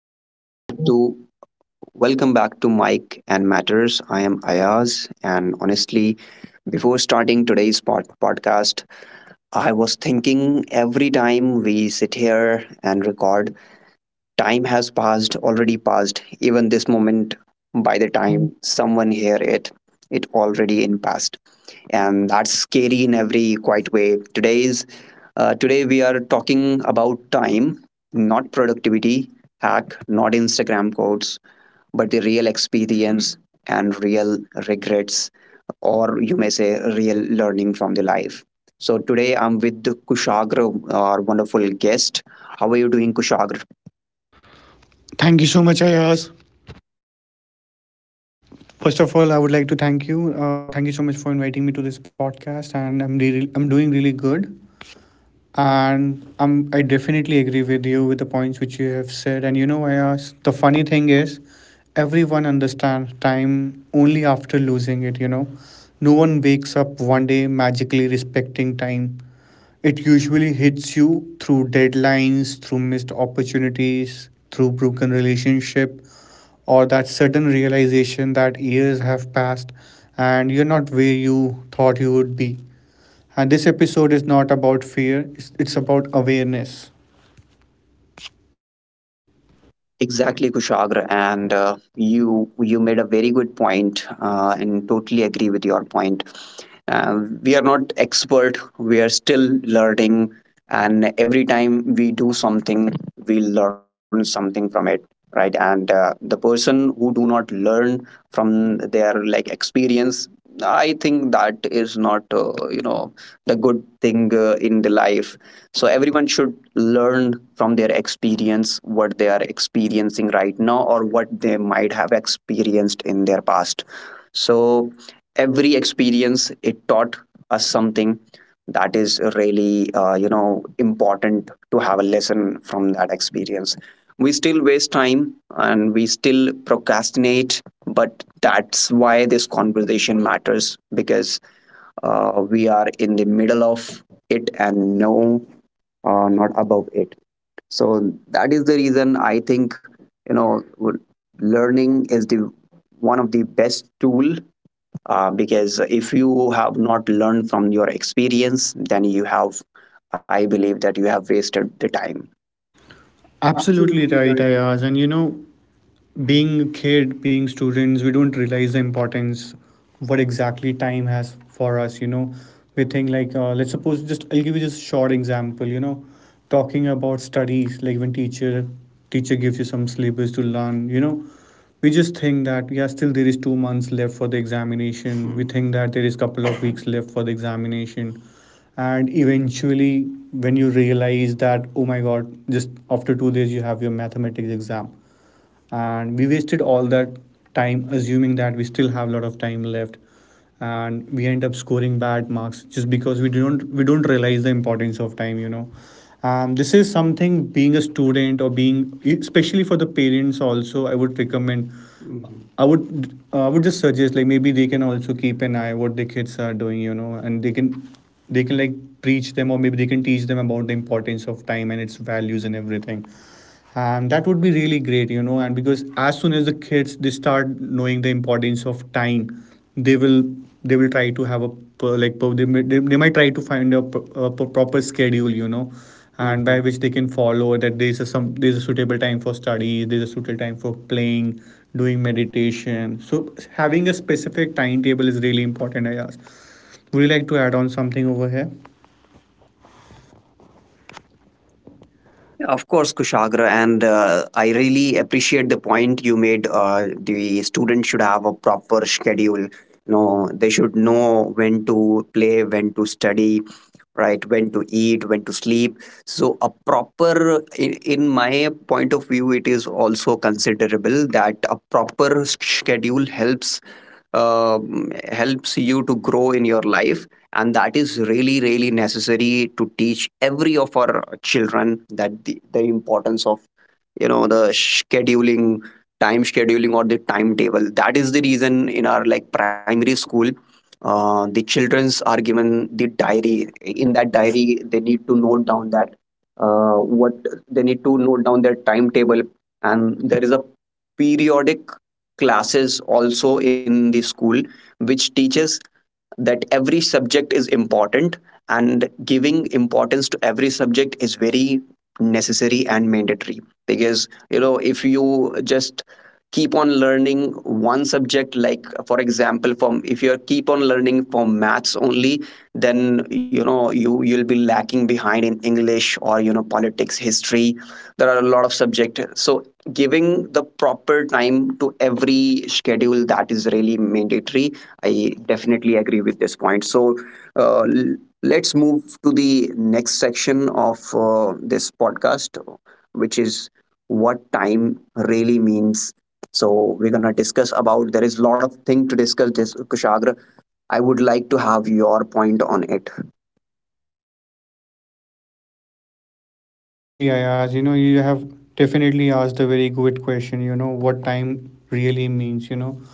Welcome back to Welcome back to Mike and Matters. I am Ayaz, and honestly, before starting today's podcast, I was thinking every time we sit here and record, time has passed, already passed. Even this moment, by the time someone hear it, it already in past, and that's scary in every quiet way. Today we are talking about time, not productivity hack, not Instagram quotes but the real experience and real regrets, or you may say real learning from the life. So today I'm with Kushagra, our wonderful guest. How are you doing, Kushagra? Thank you so much, Ayaz. First of all, I would like to thank you. Thank you so much for inviting me to this podcast, and I'm doing really good. I definitely agree with you with the points which you have said. And Ayaz, the funny thing is, everyone understands time only after losing it. No one wakes up one day magically respecting time. It usually hits you through deadlines, through missed opportunities, through broken relationship, or that sudden realization that years have passed and you're not where you thought you would be. And this episode is not about fear, it's about awareness. Exactly, Kushagra, and you made a very good point, and totally agree with your point. We are not expert; we are still learning, and every time we do something, we learn something from it, right? And the person who do not learn from their like experience, I think that is not you know the good thing in the life. So everyone should learn from their experience what they are experiencing right now or what they might have experienced in their past. So every experience it taught us something. That is really you know important to have a lesson from that experience. We still waste time and we still procrastinate, but that's why this conversation matters, because we are in the middle of it and no, not above it. So that is the reason I think, you know, learning is the one of the best tool, because if you have not learned from your experience, then you have, I believe that you have wasted the time. Absolutely right, Ayaz. And being a kid, being students, we don't realize the importance what exactly time has for us. We think like, let's suppose just I'll give you just a short example. Talking about studies, like when teacher gives you some syllabus to learn. We just think that yeah, still there is 2 months left for the examination. We think that there is couple of weeks left for the examination, and eventually when you realize that, oh my god, just after 2 days you have your mathematics exam, and we wasted all that time assuming that we still have a lot of time left, and we end up scoring bad marks just because we don't realize the importance of time. This is something, being a student or being, especially for the parents also. I would recommend, I would just suggest, like maybe they can also keep an eye what the kids are doing, and they can like preach them, or maybe they can teach them about the importance of time and its values and everything, and that would be really great. And because as soon as the kids they start knowing the importance of time, they will they will try to have a like they might try to find a proper schedule. And by which they can follow that there's a suitable time for study, there's a suitable time for playing, doing meditation. So having a specific timetable is really important. I ask, would you like to add on something over here? Yeah, of course, Kushagra, and I really appreciate the point you made. The student should have a proper schedule. You know, they should know when to play, when to study, right? When to eat, when to sleep. So, a proper, in my point of view, it is also considerable that a proper schedule helps, helps you to grow in your life, and that is really really necessary to teach every of our children that the importance of, you know, the scheduling, time scheduling, or the timetable. That is the reason in our like primary school, the children's are given the diary. In that diary they need to note down that, uh, what they need to note down their timetable. And there is a periodic classes also in the school, which teaches that every subject is important, and giving importance to every subject is very necessary and mandatory. Because you know if you just keep on learning one subject, like for example from if you keep on learning from maths only, then you know you you'll be lacking behind in english or you know politics, history. There are a lot of subjects, so giving the proper time to every schedule, that is really mandatory. I definitely agree with this point. So uh, let's move to the next section of this podcast, which is what time really means. So we're gonna discuss about. There is a lot of thing to discuss, Kushagra. I would like to have your point on it. Yeah, absolutely, Ayaz. You have definitely asked a very good question. What time really means.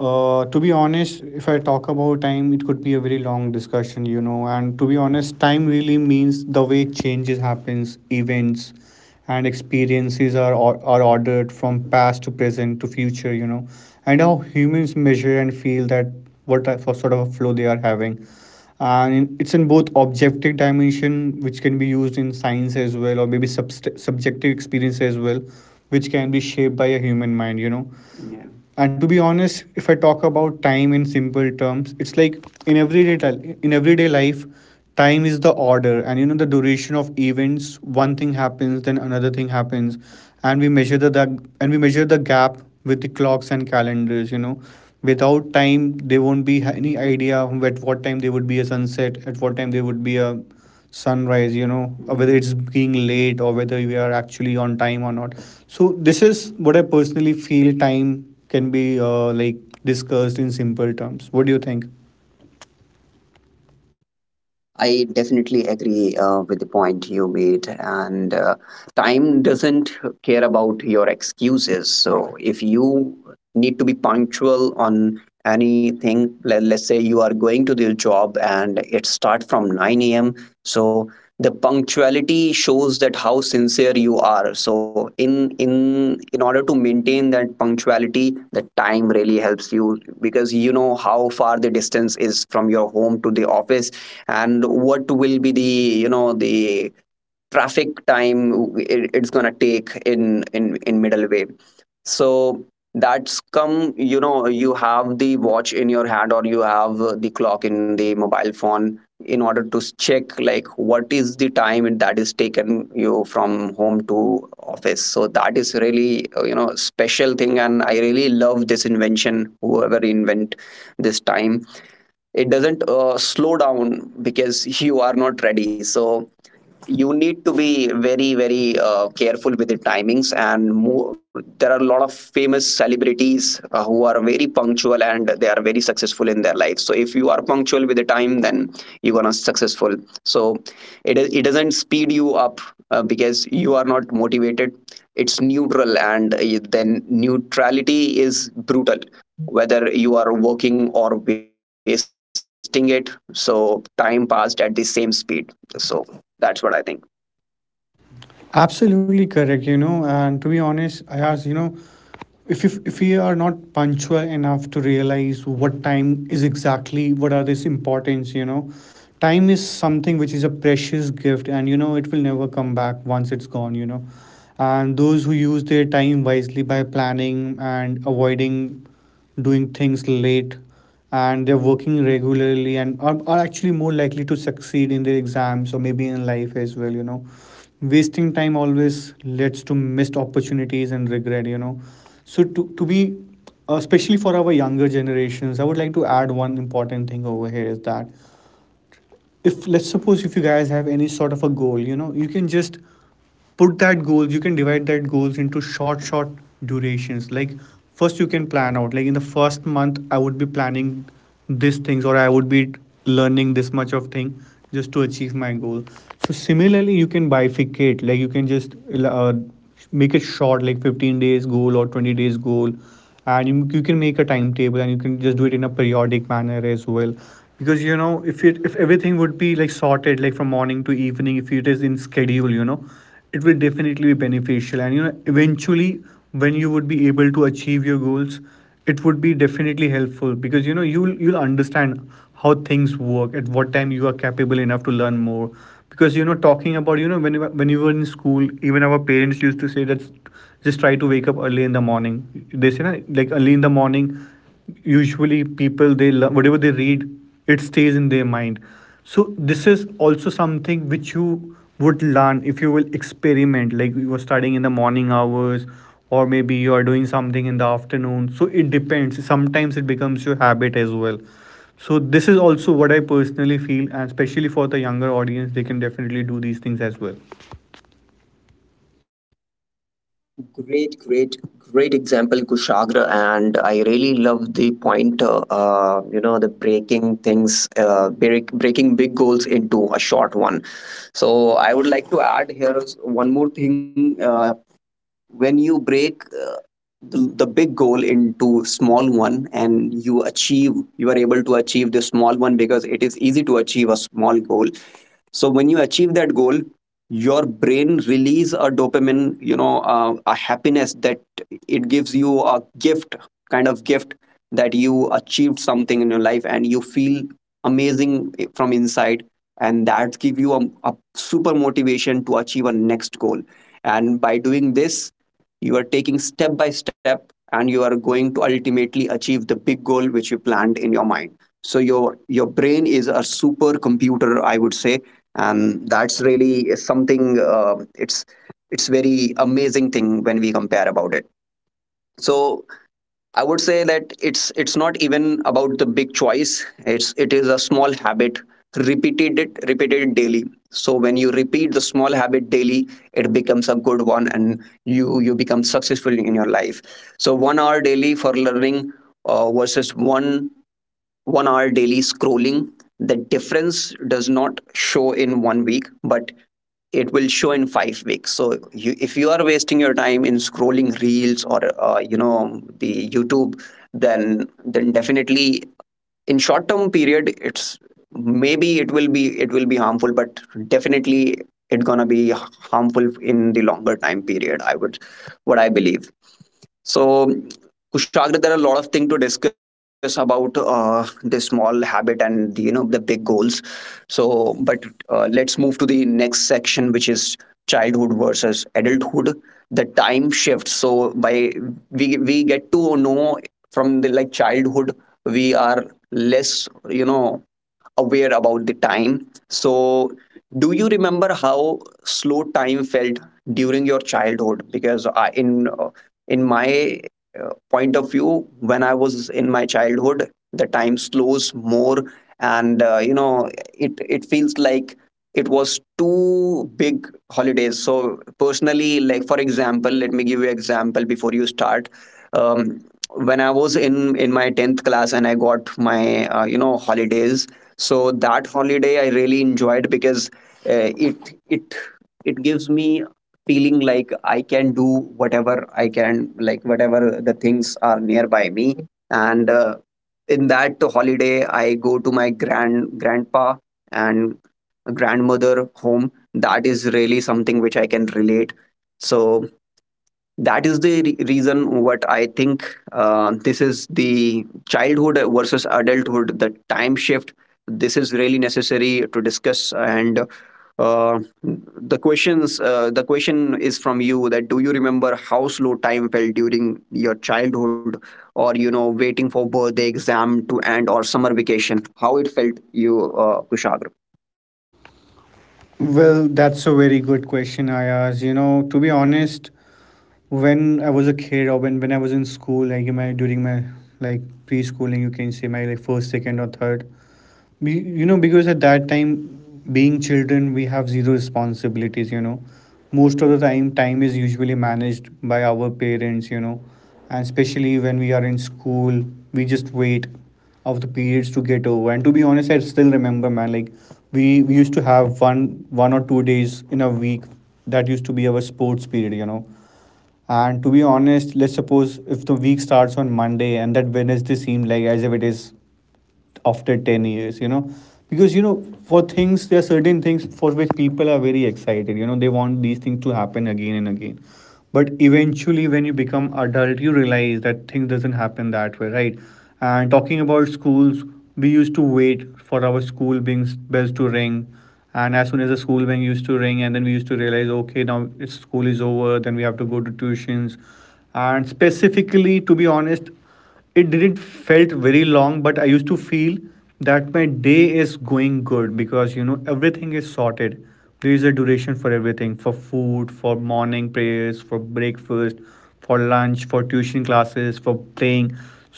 To be honest, if I talk about time, it could be a very long discussion. And to be honest, time really means the way changes happens, events and experiences are ordered from past to present to future, and how humans measure and feel that what type of sort of a flow they are having, and it's in both objective dimension which can be used in science as well, or maybe subjective experience as well, which can be shaped by a human mind. Yeah. And to be honest, if I talk about time in simple terms, it's like in everyday in everyday life, time is the order, and the duration of events. One thing happens, then another thing happens, and we measure the gap with the clocks and calendars. Without time, they won't be any idea at what time there would be a sunset, at what time there would be a sunrise, whether it's being late or whether we are actually on time or not. So this is what I personally feel. Time can be like discussed in simple terms. What do you think? I definitely agree with the point you made, and time doesn't care about your excuses. So, if you need to be punctual on anything, let's say you are going to the job and it starts from 9 a.m., so the punctuality shows that how sincere you are. So, in order to maintain that punctuality, the time really helps you because you know how far the distance is from your home to the office, and what will be the, you know, the traffic time it's going to take in in middle way. So that's come, you know, you have the watch in your hand, or you have the clock in the mobile phone, in order to check like what is the time that is taken you from home to office. So that is really you know special thing, and I really love this invention, whoever invent this time. It doesn't slow down because you are not ready. So you need to be very very careful with the timings, and more, there are a lot of famous celebrities who are very punctual and they are very successful in their life. So if you are punctual with the time, then you're gonna successful. So it doesn't speed you up because you are not motivated. It's neutral, and then neutrality is brutal, whether you are working or wasting it. So time passed at the same speed. So that's what I think. Absolutely correct. And to be honest, I ask, if we are not punctual enough to realize what time is exactly, what are this importance. Time is something which is a precious gift, and it will never come back once it's gone. And those who use their time wisely, by planning and avoiding doing things late, and they're working regularly, and are actually more likely to succeed in their exams or maybe in life as well. Wasting time always leads to missed opportunities and regret. So to be especially for our younger generations, I would like to add one important thing over here is that if, let's suppose, if you guys have any sort of a goal, you can just put that goals, you can divide that goals into short durations. Like first you can plan out, like in the first month I would be planning these things, or I would be learning this much of thing, just to achieve my goal. So similarly you can bifurcate, like you can just uh, make it short, like 15 days goal or 20 days goal, and you can make a timetable, and you can just do it in a periodic manner as well. Because if it if everything would be like sorted, like from morning to evening, if it is in schedule, it will definitely be beneficial. And eventually, when you would be able to achieve your goals, it would be definitely helpful, because you'll understand how things work, at what time you are capable enough to learn more. Because talking about, when when you were in school, even our parents used to say that, just try to wake up early in the morning. They say na, like early in the morning, usually people they whatever they read, it stays in their mind. So this is also something which you would learn if you will experiment, like you are studying in the morning hours, or maybe you are doing something in the afternoon. So it depends, sometimes it becomes your habit as well. So this is also what I personally feel, and especially for the younger audience, they can definitely do these things as well. Great, great, great example, Kushagra. And I really love the point, you know, the breaking things, breaking big goals into a short one. So I would like to add here one more thing. When you break the big goal into small one, and you achieve, you are able to achieve the small one because it is easy to achieve a small goal. So when you achieve that goal, your brain release a dopamine, you know, a happiness, that it gives you a gift, kind of gift, that you achieved something in your life, and you feel amazing from inside, and that give you a super motivation to achieve a next goal. And by doing this, you are taking step by step, and you are going to ultimately achieve the big goal which you planned in your mind. So your brain is a super computer, I would say. And that's really something, it's very amazing thing when we compare about it. So I would say that it's not even about the big choice, it's it is a small habit, repeated it, repeated it daily. So when you repeat the small habit daily, it becomes a good one, and you become successful in your life. So 1 hour daily for learning versus one hour daily scrolling, the difference does not show in 1 week, but it will show in 5 weeks. So you, if you are wasting your time in scrolling reels or you know the YouTube, then definitely in short term period it's, maybe it will be, it will be harmful, but definitely it's gonna be harmful in the longer time period, I would, what I believe. So, Kushagra, there are a lot of things to discuss about the small habit and the, you know, the big goals. So, but let's move to the next section, which is childhood versus adulthood. The time shifts. So, by we get to know from the like childhood, we are less you know aware about the time. So, do you remember how slow time felt during your childhood? Because I, in my point of view when I was in my childhood the time slows more, and you know it it feels like it was two big holidays. So personally, like for example let me give you an example before you start. um, when I was in my 10th class and I got my you know holidays, so that holiday I really enjoyed because uh, it it it gives me feeling like I can do whatever I can, like whatever the things are nearby me. And in that holiday, I go to my grandpa and grandmother home. That is really something which I can relate. So that is the reason what I think, this is the childhood versus adulthood, the time shift. This is really necessary to discuss, and uh, the question is from you, that do you remember how slow time felt during your childhood, or you know waiting for birthday exam to end or summer vacation, how it felt you, Kushagra? Well, that's a very good question, Ayaz. To be honest, when I was a kid, or when I was in school, like in my during my like preschooling, you can say, my like first, second, or third. Because at that time, being children, we have zero responsibilities. Most of the time, time is usually managed by our parents. And especially when we are in school, we just wait of the periods to get over. And to be honest, I still remember, man. Like we used to have one or two days in a week that used to be our sports period. And to be honest, let's suppose if the week starts on Monday, and that Wednesday seemed like as if it is after 10 years, because for things, there are certain things for which people are very excited, they want these things to happen again and again. But eventually when you become adult, you realize that things doesn't happen that way, right? And talking about schools, we used to wait for our school being bells to ring, and as soon as the school bell used to ring, and then we used to realize, okay, now school is over, then we have to go to tuitions. And specifically, to be honest, it didn't felt very long, but I used to feel that my day is going good, because everything is sorted. There is a duration for everything, for food, for morning prayers, for breakfast, for lunch, for tuition classes, for playing.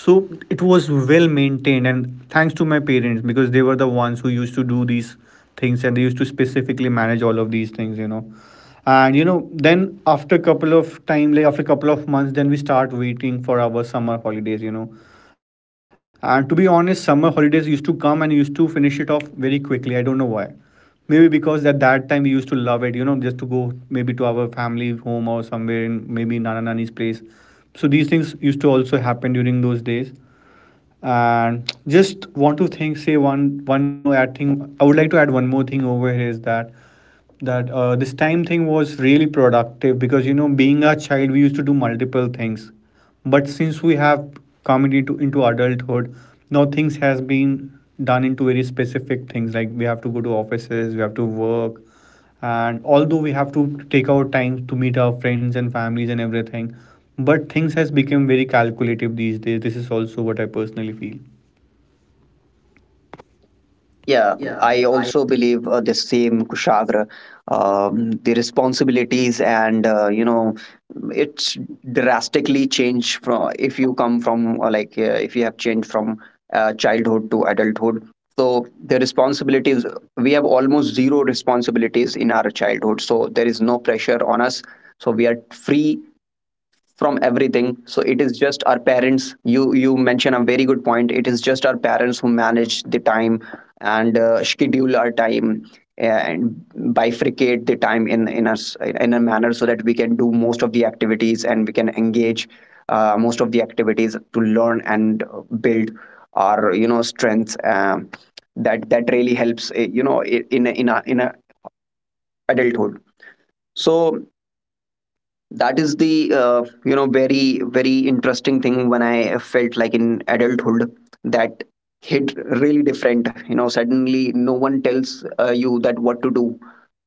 So it was well maintained, and thanks to my parents, because they were the ones who used to do these things, and they used to specifically manage all of these things. And then, after a couple of time, like after a couple of months, then we start waiting for our summer holidays. And to be honest, summer holidays used to come and used to finish it off very quickly. I don't know why. Maybe because at that time we used to love it, just to go, maybe to our family home, or somewhere in, maybe, nana nani's place. So these things used to also happen during those days. And just want to think say one more add thing. I would like to add one more thing over here is that this time thing was really productive, because being a child, we used to do multiple things. But since we have come into adulthood, now things has been done into very specific things, like we have to go to offices, we have to work. And although we have to take our time to meet our friends and families and everything, but things has become very calculative these days. This is also what I personally feel. Yeah, I also believe the same, Kushagra. The responsibilities and you know, it's drastically changed from if you come from if you have changed from childhood to adulthood. So the responsibilities, we have almost zero responsibilities in our childhood. So there is no pressure on us. So we are free from everything, so it is just our parents. You mention a very good point. It is just our parents who manage the time and schedule our time and bifurcate the time in a manner so that we can do most of the activities, and we can engage most of the activities to learn and build our, you know, strengths. That really helps, you know, in a adulthood. So that is the, you know, very interesting thing when I felt like in adulthood, that hit really different. You know, suddenly no one tells you that what to do.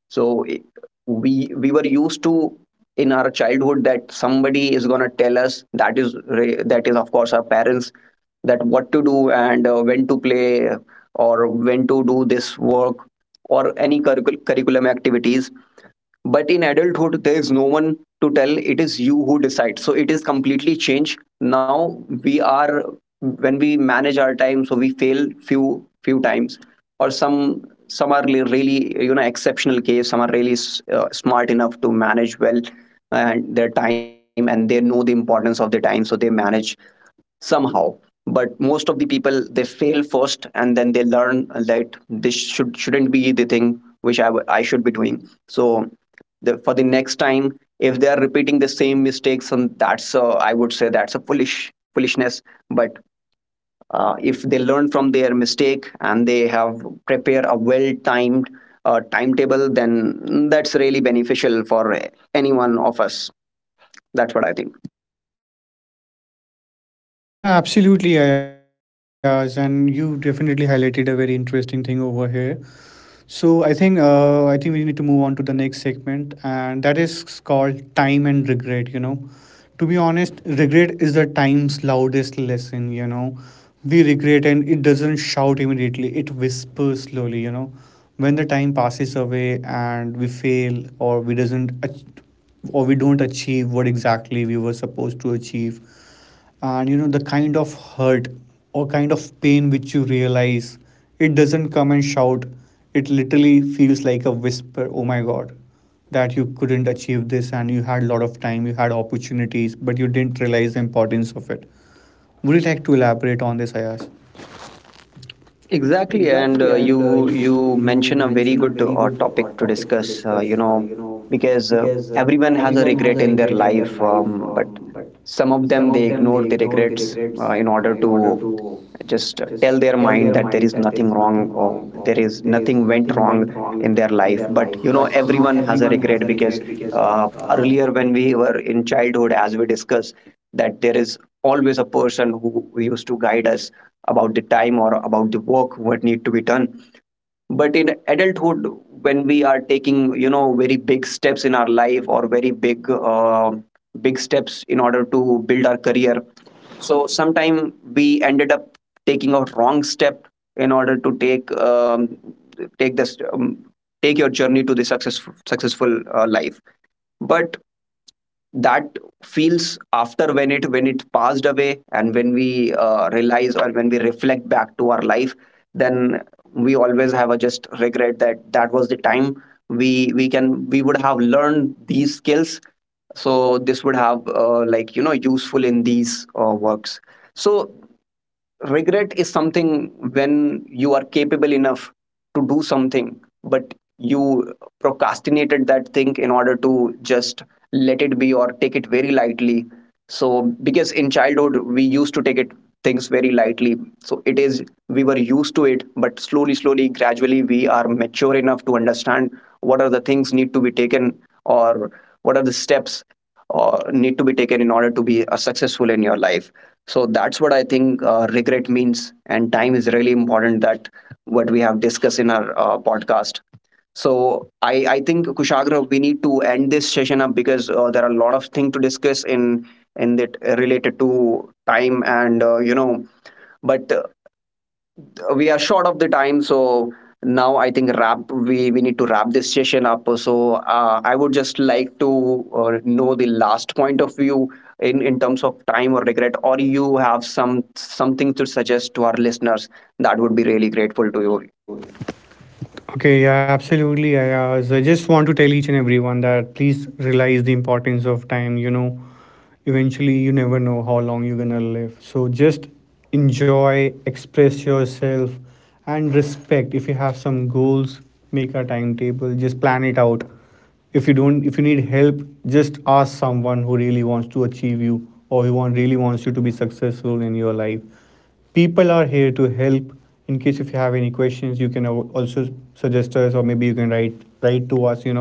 So we were used to in our childhood that somebody is going to tell us, that is that is of course our parents, that what to do and when to play or when to do this work or any curriculum activities. But in adulthood there is no one to tell. It is you who decides. So it is completely changed now. We are, when we manage our time, so we fail few times, or some are really, you know, exceptional case. Some are really smart enough to manage well and their time, and they know the importance of the time, so they manage somehow. But most of the people, they fail first and then they learn that this shouldn't be the thing which I should be doing. So the, for the next time, if they are repeating the same mistakes, and that's I would say that's a foolishness. But if they learn from their mistake and they have prepare a well timed timetable, then that's really beneficial for any one of us. That's what I think. Yeah, absolutely, Ayaz, and you definitely highlighted a very interesting thing over here. So I think we need to move on to the next segment, and that is called time and regret. To be honest, regret is the time's loudest lesson. We regret, and it doesn't shout immediately; it whispers slowly. When the time passes away and we fail, or we don't achieve what exactly we were supposed to achieve, and the kind of hurt or kind of pain which you realize, it doesn't come and shout, it literally feels like a whisper. Oh my god, that you couldn't achieve this, and you had a lot of time, you had opportunities, but you didn't realize the importance of it. Would you like to elaborate on this, Ayaz? Exactly, and Exactly, and you you you you mention a mention very a good very good topic to topic to discuss. Discuss. You know, because Because everyone has a everyone has a regret in their regret in their life, life, but but some of some them of they them they ignore the ignore the regrets regrets in order in order to to just just tell their tell their mind that there mind is that there is nothing nothing wrong wrong, or or there is there is nothing went nothing went wrong wrong in their in their life. life. But you But know, everyone has a everyone has a regret because regret because uh, earlier when we were in childhood, as we discussed, that there is always a person who used to guide us about the time or about the work what need to be done. But in adulthood, when we are taking, you know, very big steps in our life, or very big big steps in order to build our career, so sometime we ended up taking a wrong step in order to take take this take your journey to the success, successful life. But that feels after when it passed away, and when we realize or when we reflect back to our life, then we always have a just regret that that was the time we would have learned these skills, so this would have, like you know, useful in these works. So regret is something when you are capable enough to do something, but you procrastinated that thing in order to just let it be or take it very lightly. So because in childhood we used to take it, things very lightly, so it is we were used to it. But slowly gradually we are mature enough to understand what are the things need to be taken, or what are the steps or need to be taken in order to be successful in your life. So that's what I think regret means. And time is really important, that what we have discussed in our podcast. So I think, Kushagra, we need to end this session up because there are a lot of things to discuss in that related to time and, you know. But we are short of the time. So now I think we need to wrap this session up. So I would just like to know the last point of view in terms of time or regret, or you have some something to suggest to our listeners. That would be really grateful to you. okay, yeah, absolutely. I just want to tell each and everyone that please realize the importance of time. Eventually, you never know how long you're gonna live. So just enjoy, express yourself, and respect. If you have some goals, make a timetable. Just plan it out. If you need help, just ask someone who really wants to achieve you, or who really wants you to be successful in your life. People are here to help. In case if you have any questions, you can also suggest us, or maybe you can write to us.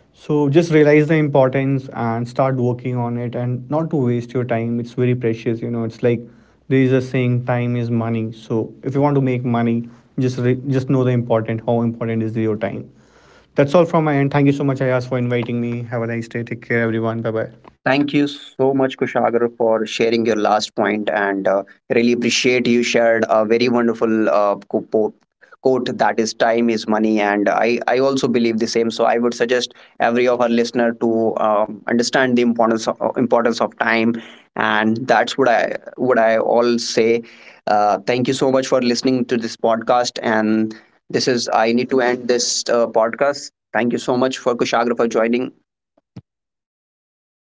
So just realize the importance and start working on it, and not to waste your time. It's very precious, it's like there is a saying, time is money. So if you want to make money, just know the important how important is your time. That's all from my end. Thank you so much, Ayaz, for inviting me. Have a nice day. Take care, everyone. Bye bye. Thank you so much, Kushagra, for sharing your last point, and really appreciate you shared a very wonderful quote, that is time is money. And I also believe the same. So I would suggest every of our listener to understand the importance of time. And that's what I all say. Thank you so much for listening to this podcast. And this is I need to end this podcast. Thank you so much for Kushagra for joining